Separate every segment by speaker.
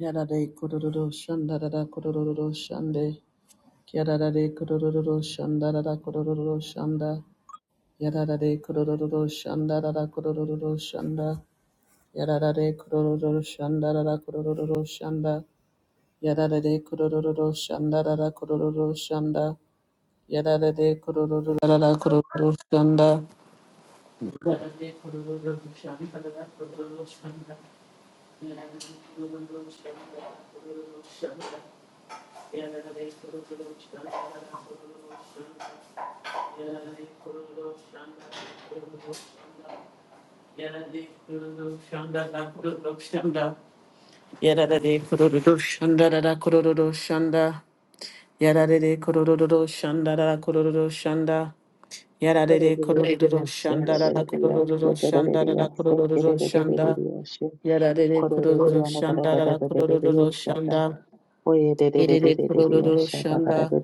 Speaker 1: Yarare kororo shandarara kororo shande. Yarare kororo shandarara kororo shanda. Yarare kororo shandarara kororo shanda. Yarare kororo shandarara kororo shanda. Yarare kororo shandarara kororo shanda. Yarare kororo shandarara kororo shanda. Yarare kururu şanda rara kururu şanda yarare kururu şanda rara kururu şanda yarare kururu şanda rara kururu şanda rara kururu şanda yarare kururu şanda rara kururu şanda
Speaker 2: What it is shit, that
Speaker 1: yarare kururu şanda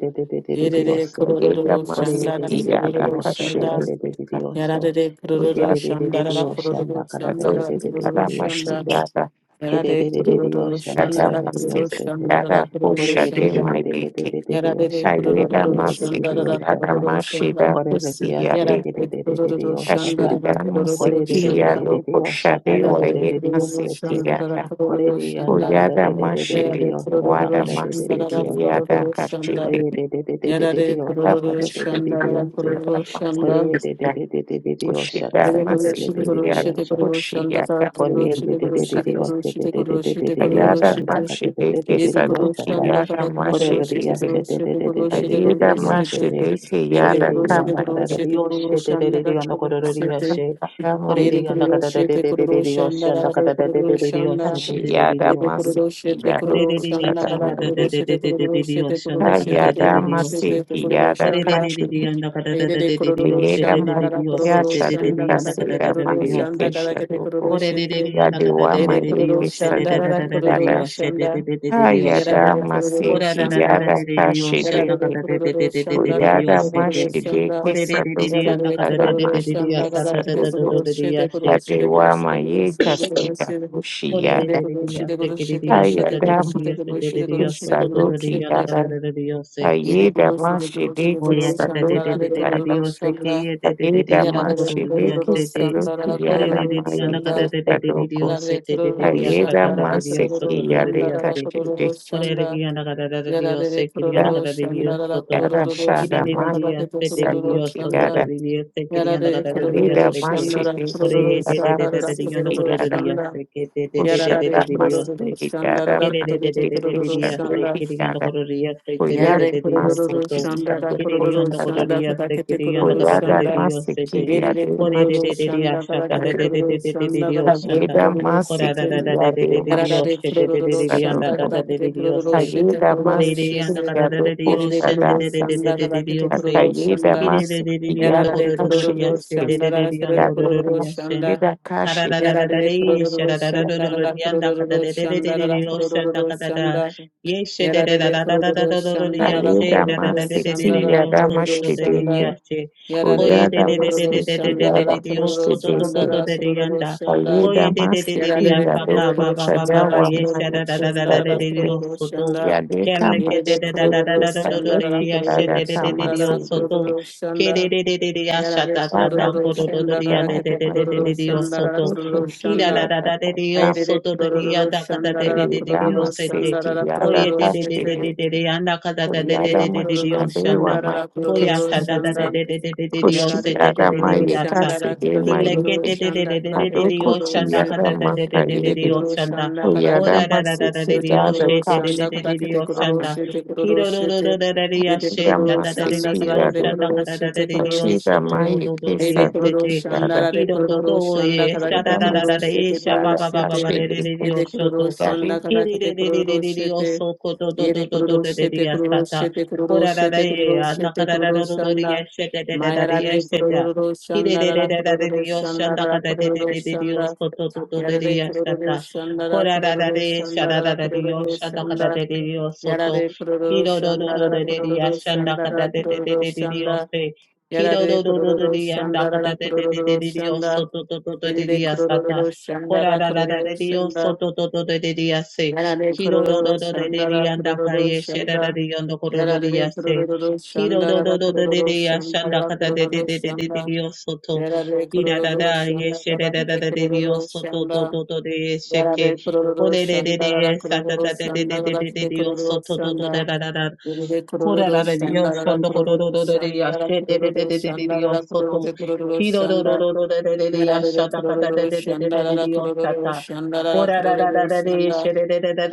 Speaker 1: Yerere
Speaker 3: Yega
Speaker 1: kururu şandara
Speaker 3: masiti yada
Speaker 1: kururu şanda.
Speaker 3: kashiru pita.
Speaker 1: Yarare kururu
Speaker 3: Yada
Speaker 1: şandara
Speaker 3: mashi.
Speaker 1: kururu şandara
Speaker 3: Azosi
Speaker 1: kururu
Speaker 3: yada mashi
Speaker 1: şanda.
Speaker 2: it?
Speaker 3: yada.
Speaker 1: Yarare kururu
Speaker 2: Yes,
Speaker 3: Yada
Speaker 1: şandara
Speaker 3: masiti
Speaker 1: kururu şandara
Speaker 3: yada
Speaker 1: kururu
Speaker 3: kusha de
Speaker 1: şanda.
Speaker 3: mayeke.
Speaker 1: Yarare kururu
Speaker 3: Ayeda masiti
Speaker 1: şandara
Speaker 3: yada
Speaker 1: kururu
Speaker 3: mashi da
Speaker 1: şanda.
Speaker 3: kusi yade.
Speaker 1: Yarare kururu şandara kururu şanda. Yarare kururu şandara
Speaker 3: Ashida
Speaker 1: kururu
Speaker 3: masiti
Speaker 1: şanda.
Speaker 3: yado kusha de
Speaker 1: Yarare
Speaker 3: waye masiti
Speaker 2: Korerererererereriyosete.
Speaker 3: yada.
Speaker 1: kururu şandara
Speaker 3: Uyada mashi de wada masiti yada
Speaker 1: kururu
Speaker 2: Koreriyandakadadadadadadadadiyosandakadadadadadadiyosete.
Speaker 3: kashiru.
Speaker 1: şanda. やられコロ
Speaker 3: Yada
Speaker 1: ロロ
Speaker 3: mashi
Speaker 1: シャンダララコ
Speaker 2: Korerererererereriyosatadadadadadadadiyose.
Speaker 1: ロロ
Speaker 3: yada
Speaker 1: シャンダ
Speaker 3: masiti.
Speaker 1: レ
Speaker 3: Kushika
Speaker 1: レコロシテコロ
Speaker 3: masikiria
Speaker 1: シテコ
Speaker 2: Korererererererereriyosatadadadadadadadiyoso.
Speaker 1: ロシャンダ
Speaker 3: kushia
Speaker 1: カコロ
Speaker 3: kamili
Speaker 1: シテコロシテコロシテコロシテコロ
Speaker 3: sayada
Speaker 1: シテ
Speaker 3: mashideke
Speaker 1: イテコロシャ
Speaker 3: saduki
Speaker 2: Korerererererereriyosatadadadadadadadiyosandakadadadadadadiyosata.
Speaker 1: ンダカ
Speaker 3: yada
Speaker 1: ダコロシテ
Speaker 2: Koreliya
Speaker 1: コ
Speaker 3: mashideze
Speaker 1: ロ
Speaker 2: shede
Speaker 1: シテコロシ
Speaker 2: de
Speaker 1: テ
Speaker 2: de
Speaker 1: コ
Speaker 2: de
Speaker 1: ロ
Speaker 2: de
Speaker 1: シ
Speaker 2: de de de de de
Speaker 3: ayeda
Speaker 2: de lioshe
Speaker 1: テ
Speaker 2: de.
Speaker 3: mashideke
Speaker 1: イエテコ
Speaker 3: yada
Speaker 1: ロ
Speaker 2: Koreliya
Speaker 1: シテ
Speaker 2: na
Speaker 1: コ
Speaker 3: kama
Speaker 1: ロ
Speaker 2: kada de
Speaker 1: シテコロシャン
Speaker 2: de
Speaker 1: ダカコロシテ
Speaker 3: kama
Speaker 1: イテコロシテ
Speaker 2: de
Speaker 1: コ
Speaker 2: de de
Speaker 1: ロシャンダ
Speaker 2: lioshe
Speaker 1: ラ
Speaker 2: na
Speaker 1: ラ
Speaker 2: kada
Speaker 1: コ
Speaker 2: de de de
Speaker 1: ロ
Speaker 2: de
Speaker 1: シャンダ
Speaker 3: yada
Speaker 1: エテコ
Speaker 2: lioshe.
Speaker 1: ロシテ
Speaker 3: masikiria
Speaker 1: コロシャン
Speaker 2: Koreliya
Speaker 1: ダ
Speaker 3: kushada
Speaker 1: カ
Speaker 2: na
Speaker 1: ダコ
Speaker 2: kada de de
Speaker 1: ロ
Speaker 3: mali
Speaker 1: シテ
Speaker 2: de
Speaker 1: コ
Speaker 2: de
Speaker 1: ロ
Speaker 2: de
Speaker 1: シテコロシテコ
Speaker 2: lioshe na
Speaker 1: ロシ
Speaker 2: kada
Speaker 1: テ
Speaker 2: de
Speaker 1: コ
Speaker 2: de de de lioshe de de de
Speaker 3: ayada
Speaker 2: de
Speaker 1: ロシテ
Speaker 2: lioshe.
Speaker 1: コロ
Speaker 3: masikiria
Speaker 1: シャンダ
Speaker 3: kachi
Speaker 2: Koreliya na kada de
Speaker 1: Ayede
Speaker 2: de
Speaker 1: de
Speaker 2: de
Speaker 1: kororo
Speaker 3: ayeda
Speaker 2: de
Speaker 1: şanda da
Speaker 2: de
Speaker 1: da
Speaker 2: lioshe na
Speaker 3: masikiria
Speaker 1: kororo
Speaker 2: kada de de de de lioshe.
Speaker 1: şanda
Speaker 2: Koreliya
Speaker 3: saduka
Speaker 2: na
Speaker 1: da da
Speaker 2: kada
Speaker 1: kete
Speaker 2: de
Speaker 3: sida
Speaker 2: de de de lioshe de de de de lioshe de de de de
Speaker 1: kororo şanda
Speaker 3: mayeke
Speaker 2: lioshe.
Speaker 1: da da kete
Speaker 3: saduko
Speaker 1: kororo şete.
Speaker 2: Koreliya na kada
Speaker 3: yadewa
Speaker 2: de de
Speaker 1: Yede
Speaker 2: de de
Speaker 1: kororo
Speaker 3: mayeke
Speaker 2: lioshe de
Speaker 1: şanda da
Speaker 2: de de
Speaker 1: da
Speaker 3: saduki
Speaker 2: de
Speaker 1: kororo
Speaker 3: yada
Speaker 2: lioshe de de
Speaker 1: şanda.
Speaker 2: de de lioshe.
Speaker 1: Yera de
Speaker 3: Ayada
Speaker 1: de kororo
Speaker 2: Kora da
Speaker 3: Masiki
Speaker 2: da da da
Speaker 1: şanda.
Speaker 3: Yada
Speaker 2: da da dios,
Speaker 1: Yera
Speaker 2: chana
Speaker 1: de de
Speaker 3: Kashideki
Speaker 2: kara da da
Speaker 1: kororo
Speaker 2: da
Speaker 1: şanda
Speaker 2: da
Speaker 1: da da
Speaker 3: Kuyada
Speaker 2: dios,
Speaker 1: kororo şanda.
Speaker 3: Mashideki
Speaker 1: Yera
Speaker 3: Sadoku
Speaker 1: de
Speaker 2: na
Speaker 1: de
Speaker 2: kara da da da
Speaker 1: kororo
Speaker 2: da
Speaker 3: Adamani
Speaker 2: dios,
Speaker 1: şanda da
Speaker 2: sa
Speaker 1: da
Speaker 2: da da
Speaker 1: kete
Speaker 2: da
Speaker 1: kororo
Speaker 3: Sadoku
Speaker 2: da
Speaker 1: şete
Speaker 2: dios,
Speaker 1: kororo şete kororo
Speaker 3: Ladewa
Speaker 1: şete
Speaker 3: Mayeka
Speaker 1: kororo
Speaker 3: Sida
Speaker 1: şete kororo şete.
Speaker 2: kora da
Speaker 1: Yede
Speaker 3: Kushiyada
Speaker 2: da da
Speaker 1: kororo şete kororo
Speaker 2: da
Speaker 1: şete kororo şete kororo
Speaker 3: Ayada
Speaker 2: dios,
Speaker 1: şete kororo
Speaker 3: Mashideki
Speaker 1: şete kororo
Speaker 3: Sadoki
Speaker 1: şete kororo şete.
Speaker 2: chana kara
Speaker 3: Yada
Speaker 2: da da da da dios, sa
Speaker 1: Yede
Speaker 3: Ayeda
Speaker 1: kororo şete kororo şete
Speaker 3: Mashideki
Speaker 2: da
Speaker 1: kororo şanda da
Speaker 3: Sadoki
Speaker 1: da kororo
Speaker 3: Yada
Speaker 1: şanda.
Speaker 2: da da da
Speaker 3: Ayeda
Speaker 2: dios,
Speaker 1: Yarare
Speaker 3: Mashideki
Speaker 1: kururu sandara
Speaker 3: Sadoki
Speaker 2: kora
Speaker 3: Yada
Speaker 1: kururu
Speaker 2: da da da da dios, chana kara
Speaker 3: Mayeka
Speaker 1: sanda
Speaker 2: da da da da
Speaker 3: Sadoku
Speaker 2: dios, sa
Speaker 1: yarare
Speaker 2: da da da
Speaker 1: kururu
Speaker 2: da dios, kora da da da da dios, chana kara da da da
Speaker 3: Ayeda
Speaker 2: da
Speaker 1: sandara
Speaker 2: dios, sa
Speaker 1: kururu
Speaker 2: da
Speaker 3: Masiki
Speaker 2: da da da
Speaker 3: Yadeka
Speaker 1: sandara
Speaker 2: dios.
Speaker 1: kururu sanda
Speaker 2: Correría la cara de Dios,
Speaker 1: yarare
Speaker 2: se quería la
Speaker 3: Yada
Speaker 1: kururu
Speaker 2: cara de Dios,
Speaker 1: sandara
Speaker 2: todo.
Speaker 1: kururu
Speaker 2: Y de
Speaker 3: shada
Speaker 1: sanda
Speaker 2: de
Speaker 3: ma
Speaker 1: tabake
Speaker 2: Dios, se de
Speaker 1: kururu
Speaker 2: Dios,
Speaker 3: saduki
Speaker 2: todo
Speaker 1: sanda
Speaker 3: yada
Speaker 2: de Dios, se quería la
Speaker 1: yarare
Speaker 2: cara de Dios,
Speaker 1: kururu
Speaker 3: yada
Speaker 2: se que.
Speaker 1: sandara
Speaker 3: mashidi
Speaker 2: Corre
Speaker 3: ki
Speaker 1: kururu
Speaker 2: de de
Speaker 3: yada
Speaker 2: de de
Speaker 1: sandara
Speaker 2: de Dios, no
Speaker 3: siki
Speaker 1: kururu
Speaker 3: yada
Speaker 2: correría,
Speaker 1: sanda
Speaker 2: se que de de de de de
Speaker 3: kushada
Speaker 1: yarare
Speaker 2: de Dios.
Speaker 1: kururu
Speaker 3: masiki yada
Speaker 1: sandara
Speaker 3: mandiki
Speaker 1: kururu
Speaker 2: Kiririririririririyaste,
Speaker 1: sanda
Speaker 3: shaduki yada
Speaker 2: kiriyandokoroririyase,
Speaker 3: kuyada
Speaker 1: yarare kururu
Speaker 2: dedededediyosoto,
Speaker 3: masiki
Speaker 1: sandara
Speaker 3: yada
Speaker 1: kururu
Speaker 3: kushada
Speaker 1: sanda
Speaker 2: kiriyandokoroririyase,
Speaker 1: tabake kururu
Speaker 3: kuyada
Speaker 1: sanda
Speaker 2: kiriyandokadadadediyosete,
Speaker 3: masiki yada
Speaker 1: Yerere kururu
Speaker 3: mashiki
Speaker 1: şanda kadar
Speaker 2: koreriririyashata,
Speaker 1: kete
Speaker 3: yada
Speaker 1: kururu şanda kadar kete
Speaker 2: dadedededediyoshanda,
Speaker 3: kuyada
Speaker 1: kururu
Speaker 3: masiki
Speaker 1: şete.
Speaker 3: yada
Speaker 1: Yararare
Speaker 3: mashiki
Speaker 2: koradadadadededediyoshe,
Speaker 1: kururu şanda
Speaker 3: saduku
Speaker 1: kadar kete kururu
Speaker 2: dedededediyandadadadediyose,
Speaker 1: şete
Speaker 3: kuyada
Speaker 1: kururu
Speaker 3: masiki
Speaker 1: şete.
Speaker 3: yada
Speaker 1: Yerere
Speaker 2: koririyandokadadadediyoshe,
Speaker 1: kururu
Speaker 3: kushada
Speaker 1: şanda kadar kete
Speaker 2: dededededediyose,
Speaker 1: kururu
Speaker 3: Akaida
Speaker 1: şanda.
Speaker 3: masi yada
Speaker 1: Yararare
Speaker 3: kashi
Speaker 1: kururu
Speaker 2: kiriririririyandokorororiyashe,
Speaker 3: yake.
Speaker 1: şanda kadar kururu kururu
Speaker 3: yada
Speaker 2: dedededediyandokorororiyashe,
Speaker 1: şanda.
Speaker 3: yada kashi
Speaker 1: Yararare kururu şanda kadar kururu şanda kadar kururu şanda. Yararare kururu şanda kadar
Speaker 3: ayeda
Speaker 1: kururu
Speaker 3: masi
Speaker 1: şanda
Speaker 3: ti
Speaker 1: kadar
Speaker 3: yada
Speaker 1: kururu
Speaker 3: mashi
Speaker 1: şanda.
Speaker 3: deke
Speaker 1: Yararere
Speaker 3: kuyada
Speaker 1: kururu
Speaker 3: masi ti
Speaker 1: şandara
Speaker 3: yada
Speaker 1: kururu
Speaker 3: mashi deke
Speaker 1: şandara kururu şanda
Speaker 3: ayeda masi ti
Speaker 1: yararere
Speaker 3: yada
Speaker 1: kururu
Speaker 3: kuchada
Speaker 1: şandara
Speaker 3: wa
Speaker 1: kururu
Speaker 3: mali pesa
Speaker 1: şandara
Speaker 3: deke
Speaker 1: kururu şanda
Speaker 3: yada kama shi
Speaker 1: yerere
Speaker 3: deke
Speaker 1: kururu şandara
Speaker 3: sadeki yada
Speaker 1: kururu
Speaker 3: kama si
Speaker 1: şandara
Speaker 3: deke
Speaker 1: kururu
Speaker 2: Kira
Speaker 1: şanda yarare
Speaker 3: yada
Speaker 1: kururu
Speaker 3: mashi
Speaker 1: şandara
Speaker 3: dawa
Speaker 1: kete
Speaker 3: mali
Speaker 1: kururu
Speaker 3: pesa
Speaker 1: şandara
Speaker 3: deke
Speaker 1: kururu
Speaker 3: shi
Speaker 1: şanda
Speaker 3: yada kama
Speaker 1: ayrere kururu şandara
Speaker 3: Ayudama
Speaker 1: kururu
Speaker 3: safety
Speaker 1: şandara
Speaker 3: yada
Speaker 1: kururu şanda
Speaker 3: taşları yada
Speaker 1: yerere kururu
Speaker 3: maçları ve
Speaker 1: şandara
Speaker 3: maçı
Speaker 1: kururu
Speaker 3: kesinlikle
Speaker 1: şanda やら
Speaker 3: koşu
Speaker 1: れるく
Speaker 3: yada
Speaker 1: るる
Speaker 3: maçı
Speaker 1: しゃんだらつる
Speaker 3: taşları
Speaker 1: でくロ
Speaker 3: maçı
Speaker 1: るシゃんだからけて
Speaker 3: ado
Speaker 1: くるる
Speaker 3: koşu
Speaker 1: し
Speaker 3: yada
Speaker 1: て出てく
Speaker 3: maçları
Speaker 1: るるしゃんだ
Speaker 3: o
Speaker 1: からけ
Speaker 3: yada
Speaker 1: てクロ
Speaker 3: maçı
Speaker 1: るしてくる
Speaker 3: yada
Speaker 1: るしゃんだか
Speaker 3: taşları
Speaker 1: らけてくるるし
Speaker 3: zaten
Speaker 1: てテるる
Speaker 2: Kiro do
Speaker 1: し
Speaker 2: do do
Speaker 1: て
Speaker 2: da da di
Speaker 1: 出スくる
Speaker 2: ashe da
Speaker 1: る
Speaker 3: yada
Speaker 2: da
Speaker 1: シ
Speaker 2: da
Speaker 1: ゃ
Speaker 2: di
Speaker 1: ンだ
Speaker 2: di
Speaker 1: か
Speaker 2: di
Speaker 3: safety
Speaker 1: らけ
Speaker 2: o
Speaker 1: て
Speaker 3: yada
Speaker 1: クロ
Speaker 2: shanda
Speaker 1: ロ
Speaker 2: ka da
Speaker 1: シるし
Speaker 2: da
Speaker 1: て
Speaker 2: da
Speaker 1: く
Speaker 2: di
Speaker 1: る
Speaker 2: di
Speaker 1: る
Speaker 2: o
Speaker 1: し
Speaker 2: so
Speaker 3: taşları
Speaker 2: do
Speaker 1: て
Speaker 2: do
Speaker 3: maçı
Speaker 2: do do di
Speaker 1: 出て
Speaker 2: e
Speaker 1: くロ
Speaker 2: se
Speaker 1: る
Speaker 3: kesinlikle
Speaker 1: し
Speaker 2: de
Speaker 1: ャンダ
Speaker 3: yada
Speaker 1: ラでく
Speaker 2: kiro
Speaker 1: る
Speaker 2: do
Speaker 1: ロし
Speaker 2: do
Speaker 1: ゃんだか
Speaker 2: e
Speaker 1: ら
Speaker 2: sha
Speaker 1: けて
Speaker 2: da
Speaker 3: yada
Speaker 1: く
Speaker 2: da
Speaker 1: る
Speaker 2: da
Speaker 3: maçı
Speaker 2: da
Speaker 1: る
Speaker 2: de
Speaker 1: し
Speaker 2: e
Speaker 1: て
Speaker 2: sha
Speaker 1: ロる
Speaker 2: ba
Speaker 1: る
Speaker 3: yada
Speaker 2: ba
Speaker 1: し
Speaker 2: ba ba ba
Speaker 1: て
Speaker 2: de de
Speaker 3: taşları
Speaker 2: di
Speaker 1: 出
Speaker 2: di
Speaker 1: てくるる
Speaker 2: o
Speaker 1: しゃ
Speaker 3: yada
Speaker 1: んだから
Speaker 2: Kiri
Speaker 1: けて
Speaker 2: le
Speaker 1: く
Speaker 2: le
Speaker 1: る
Speaker 2: le le
Speaker 1: る
Speaker 2: le le
Speaker 1: して
Speaker 2: osoto do do
Speaker 1: 家
Speaker 2: do
Speaker 1: シく
Speaker 2: do
Speaker 1: る
Speaker 2: do do
Speaker 1: る
Speaker 2: le
Speaker 1: し
Speaker 2: le
Speaker 1: てくロる
Speaker 2: asata
Speaker 1: してくるる
Speaker 2: korara
Speaker 1: して
Speaker 2: le
Speaker 1: くるるしてく
Speaker 2: nakara
Speaker 1: るロロ
Speaker 2: do do
Speaker 1: シャ
Speaker 2: do
Speaker 1: ン
Speaker 2: le
Speaker 1: ダ。
Speaker 2: ye shi le le le le ye
Speaker 1: Mayarade
Speaker 2: shi le
Speaker 1: kururu
Speaker 2: kiri le le
Speaker 1: şandara
Speaker 2: le le le
Speaker 1: kururu
Speaker 2: le osho shanda ka
Speaker 1: şandara
Speaker 2: do le le
Speaker 1: kururu
Speaker 2: le le
Speaker 1: şanda
Speaker 2: osoto do do do
Speaker 3: maçı
Speaker 2: le
Speaker 1: yarade
Speaker 2: ye asata
Speaker 1: kururu şandara
Speaker 2: korara
Speaker 1: kururu
Speaker 2: le shanda do
Speaker 1: şandara
Speaker 2: do le osho
Speaker 1: kururu
Speaker 2: shanda ka
Speaker 3: koşu
Speaker 2: do
Speaker 1: şanda
Speaker 2: le le le
Speaker 3: yada
Speaker 2: le osoto
Speaker 1: yarade
Speaker 2: kiri
Speaker 1: kururu
Speaker 2: do do do
Speaker 1: şandara
Speaker 2: le ye
Speaker 1: kururu
Speaker 2: shanda ka do
Speaker 1: şandara
Speaker 2: le le
Speaker 1: kururu
Speaker 2: le le
Speaker 1: şanda
Speaker 2: osoto kiri
Speaker 1: yarade
Speaker 2: do do do
Speaker 1: kururu
Speaker 2: le ye shanda ka do
Speaker 1: şandara
Speaker 2: le le
Speaker 1: kururu
Speaker 2: le le
Speaker 1: şanda
Speaker 2: osoto do do do do le
Speaker 1: Eride
Speaker 2: ye asata.
Speaker 1: kururu
Speaker 2: Kora
Speaker 1: şandara
Speaker 2: da da da
Speaker 1: kururu
Speaker 2: de dio
Speaker 1: şanda
Speaker 2: soto to to de de dia se.
Speaker 1: yarade
Speaker 2: Kiro do do
Speaker 1: kururu
Speaker 2: do de de
Speaker 1: şandara
Speaker 2: dia anda kaye
Speaker 1: kururu
Speaker 2: ye she da da
Speaker 1: şanda
Speaker 2: dio no koro do dia
Speaker 1: yarade
Speaker 2: se.
Speaker 1: kururu
Speaker 2: Kiro do do
Speaker 1: şandara
Speaker 2: do do de
Speaker 1: kururu
Speaker 2: dia shanda
Speaker 1: şandara
Speaker 2: kata de de
Speaker 1: kururu
Speaker 2: de de de
Speaker 1: şanda
Speaker 2: de dio soto.
Speaker 1: Yarare
Speaker 2: Kira da
Speaker 1: kururu
Speaker 2: da ye
Speaker 1: şanda
Speaker 2: she da
Speaker 1: kada
Speaker 2: da da
Speaker 1: kete
Speaker 2: de dio
Speaker 1: kururu
Speaker 2: soto to
Speaker 1: şanda.
Speaker 2: to to de ye she ke.
Speaker 1: Yarare
Speaker 2: Kore
Speaker 1: kururu
Speaker 2: de de
Speaker 1: şanda
Speaker 2: de
Speaker 1: rara
Speaker 2: ye sa da
Speaker 1: kururu
Speaker 2: da de de
Speaker 1: şanda
Speaker 2: de de
Speaker 1: kada
Speaker 2: de de
Speaker 1: kete
Speaker 2: dio
Speaker 1: kururu
Speaker 2: soto to to da
Speaker 1: şanda.
Speaker 2: da da
Speaker 1: Yarare
Speaker 2: コララレリヨンションドコロロロロレリアシェデデデデデデリヨンソト。キロロロロロレレレリアシャダカダデデデデデデリヨンサタ。コラララララレリシェデデデデデデデデリヨンシャンダ。コラララレレリヨンシャンダカダデデデデデデデリヨンセ。コイエシャララララレリエセデデデデリヨンソトトトトデデリアサタ。コラララレレリアンダカイエシェデデデデデデデリヨンセ。キロロロロレリアシェデデデデデデリヨンシャンダ。
Speaker 1: kururu şanda rara kururu şanda rara kururu şanda rara kururu kururu şanda. Yararere kurororo şandarara kurororo şandarara kurororo şanda.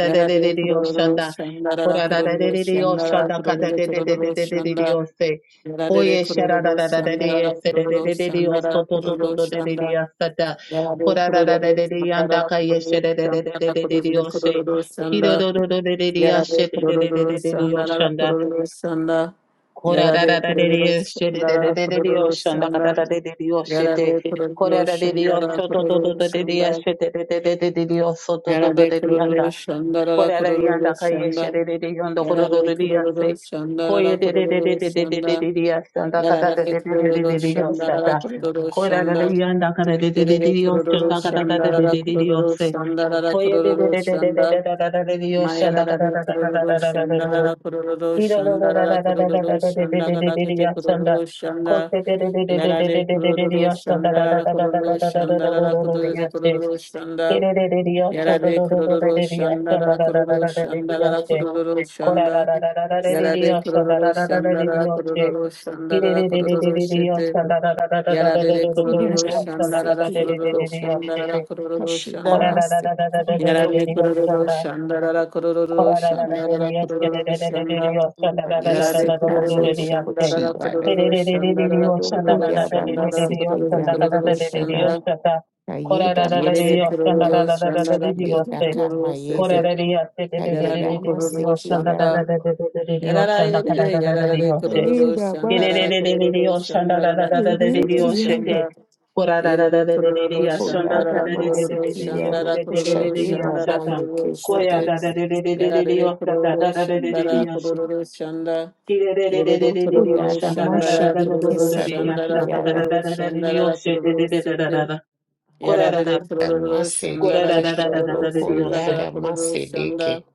Speaker 1: Yararere kurororo şandarara kurororo şandarara kurororo kurororo şanda. Yararere kurororo şandarara kurororo şandarara kurororo şanda. Yararere kurororo şandarara kurororo şandarara kurororo kurororo şanda. Yararere kurororo şandarara kurororo şanda.
Speaker 2: コララララレリオシェレレレレレリオションダカララレレリオシェテコララレリオショトトトトレリアシェテレレレレレリオソトトトレリアンダコララリアンダカイエシェレレレヨンドコロロレリアセコエレレレレレレレレレリアションダカラレレレレレレリオシャタコララリアンダカラレレレレリオションダカララレレレリオセコエレレレレレレレレレリオションダカララララララララ
Speaker 1: Yararere kurororo şandarara kurororo şanda. Yarade kururu şandara kururu şanda. Yarade kururu şandara kururu şanda. Yarade kururu şandara kururu şanda. Yarade kururu şandara kururu şanda. Yarade kururu şandara kururu şandara kururu şanda. Mayarade kururu şandara kururu
Speaker 2: Yes,
Speaker 1: şandara kururu şanda. Gadakete kururu şanda. Yarare kururu şandara kururu şandara kururu kururu şanda. Yarare kururu şandara kururu şandara kururu şanda. Yarare kururu şandara kururu şandara kururu şete. Yarare kururu
Speaker 3: Yada
Speaker 1: şandara kururu şandara kururu şanda. Yarare kororo shandarara kororo shandarara kororo shanda. Yarare kororo shandarara kororo shandarara kororo shandarara kororo kororo shanda. Yerere kororo shandarara kororo
Speaker 2: Dios,
Speaker 1: kororo sete. Yarare kororo shanda. Yarara yerere yarare kororo
Speaker 2: Ye re re
Speaker 1: shandarara
Speaker 2: re re re re,
Speaker 1: kororo
Speaker 2: oshanda da da
Speaker 1: shandarara
Speaker 2: da da da re re,
Speaker 1: kororo
Speaker 2: oshete.
Speaker 1: shanda.
Speaker 2: Kora da da da
Speaker 1: Yerere
Speaker 2: da re re re,
Speaker 1: kororo
Speaker 2: ashanda ka
Speaker 1: şandara
Speaker 2: da re re re
Speaker 1: kororo
Speaker 2: re re re,
Speaker 1: şandara
Speaker 2: oshete re re
Speaker 1: kororo
Speaker 2: re re,
Speaker 1: şandara
Speaker 2: ashata.
Speaker 1: kororo
Speaker 2: Koya
Speaker 1: şete.
Speaker 2: da da re re re re re re,
Speaker 1: Yarare
Speaker 2: oshata da
Speaker 1: kororo
Speaker 2: da re re re
Speaker 1: şandara
Speaker 2: re, oshe.
Speaker 1: kororo şanda.
Speaker 2: Ki re re re re
Speaker 1: Yerere
Speaker 2: re re re re,
Speaker 1: kororo
Speaker 2: oshanda da da da
Speaker 1: şandara
Speaker 2: da da da
Speaker 1: kororo
Speaker 2: da da re,
Speaker 1: şandara
Speaker 2: ashanda
Speaker 3: Yada
Speaker 2: ka da
Speaker 1: kororo
Speaker 2: da da da re re,
Speaker 1: şandara
Speaker 2: oshete
Speaker 1: kororo
Speaker 2: re re da da da
Speaker 1: şete.
Speaker 2: da. Kora da da,
Speaker 1: Yarare
Speaker 3: da
Speaker 1: kororo
Speaker 2: kora da
Speaker 1: şandara
Speaker 3: masedeke
Speaker 2: da da da da
Speaker 1: kororo
Speaker 2: da re
Speaker 3: shadoko
Speaker 2: re,
Speaker 1: şandara
Speaker 2: oshe.
Speaker 3: yada
Speaker 1: kororo şanda.
Speaker 3: masedeke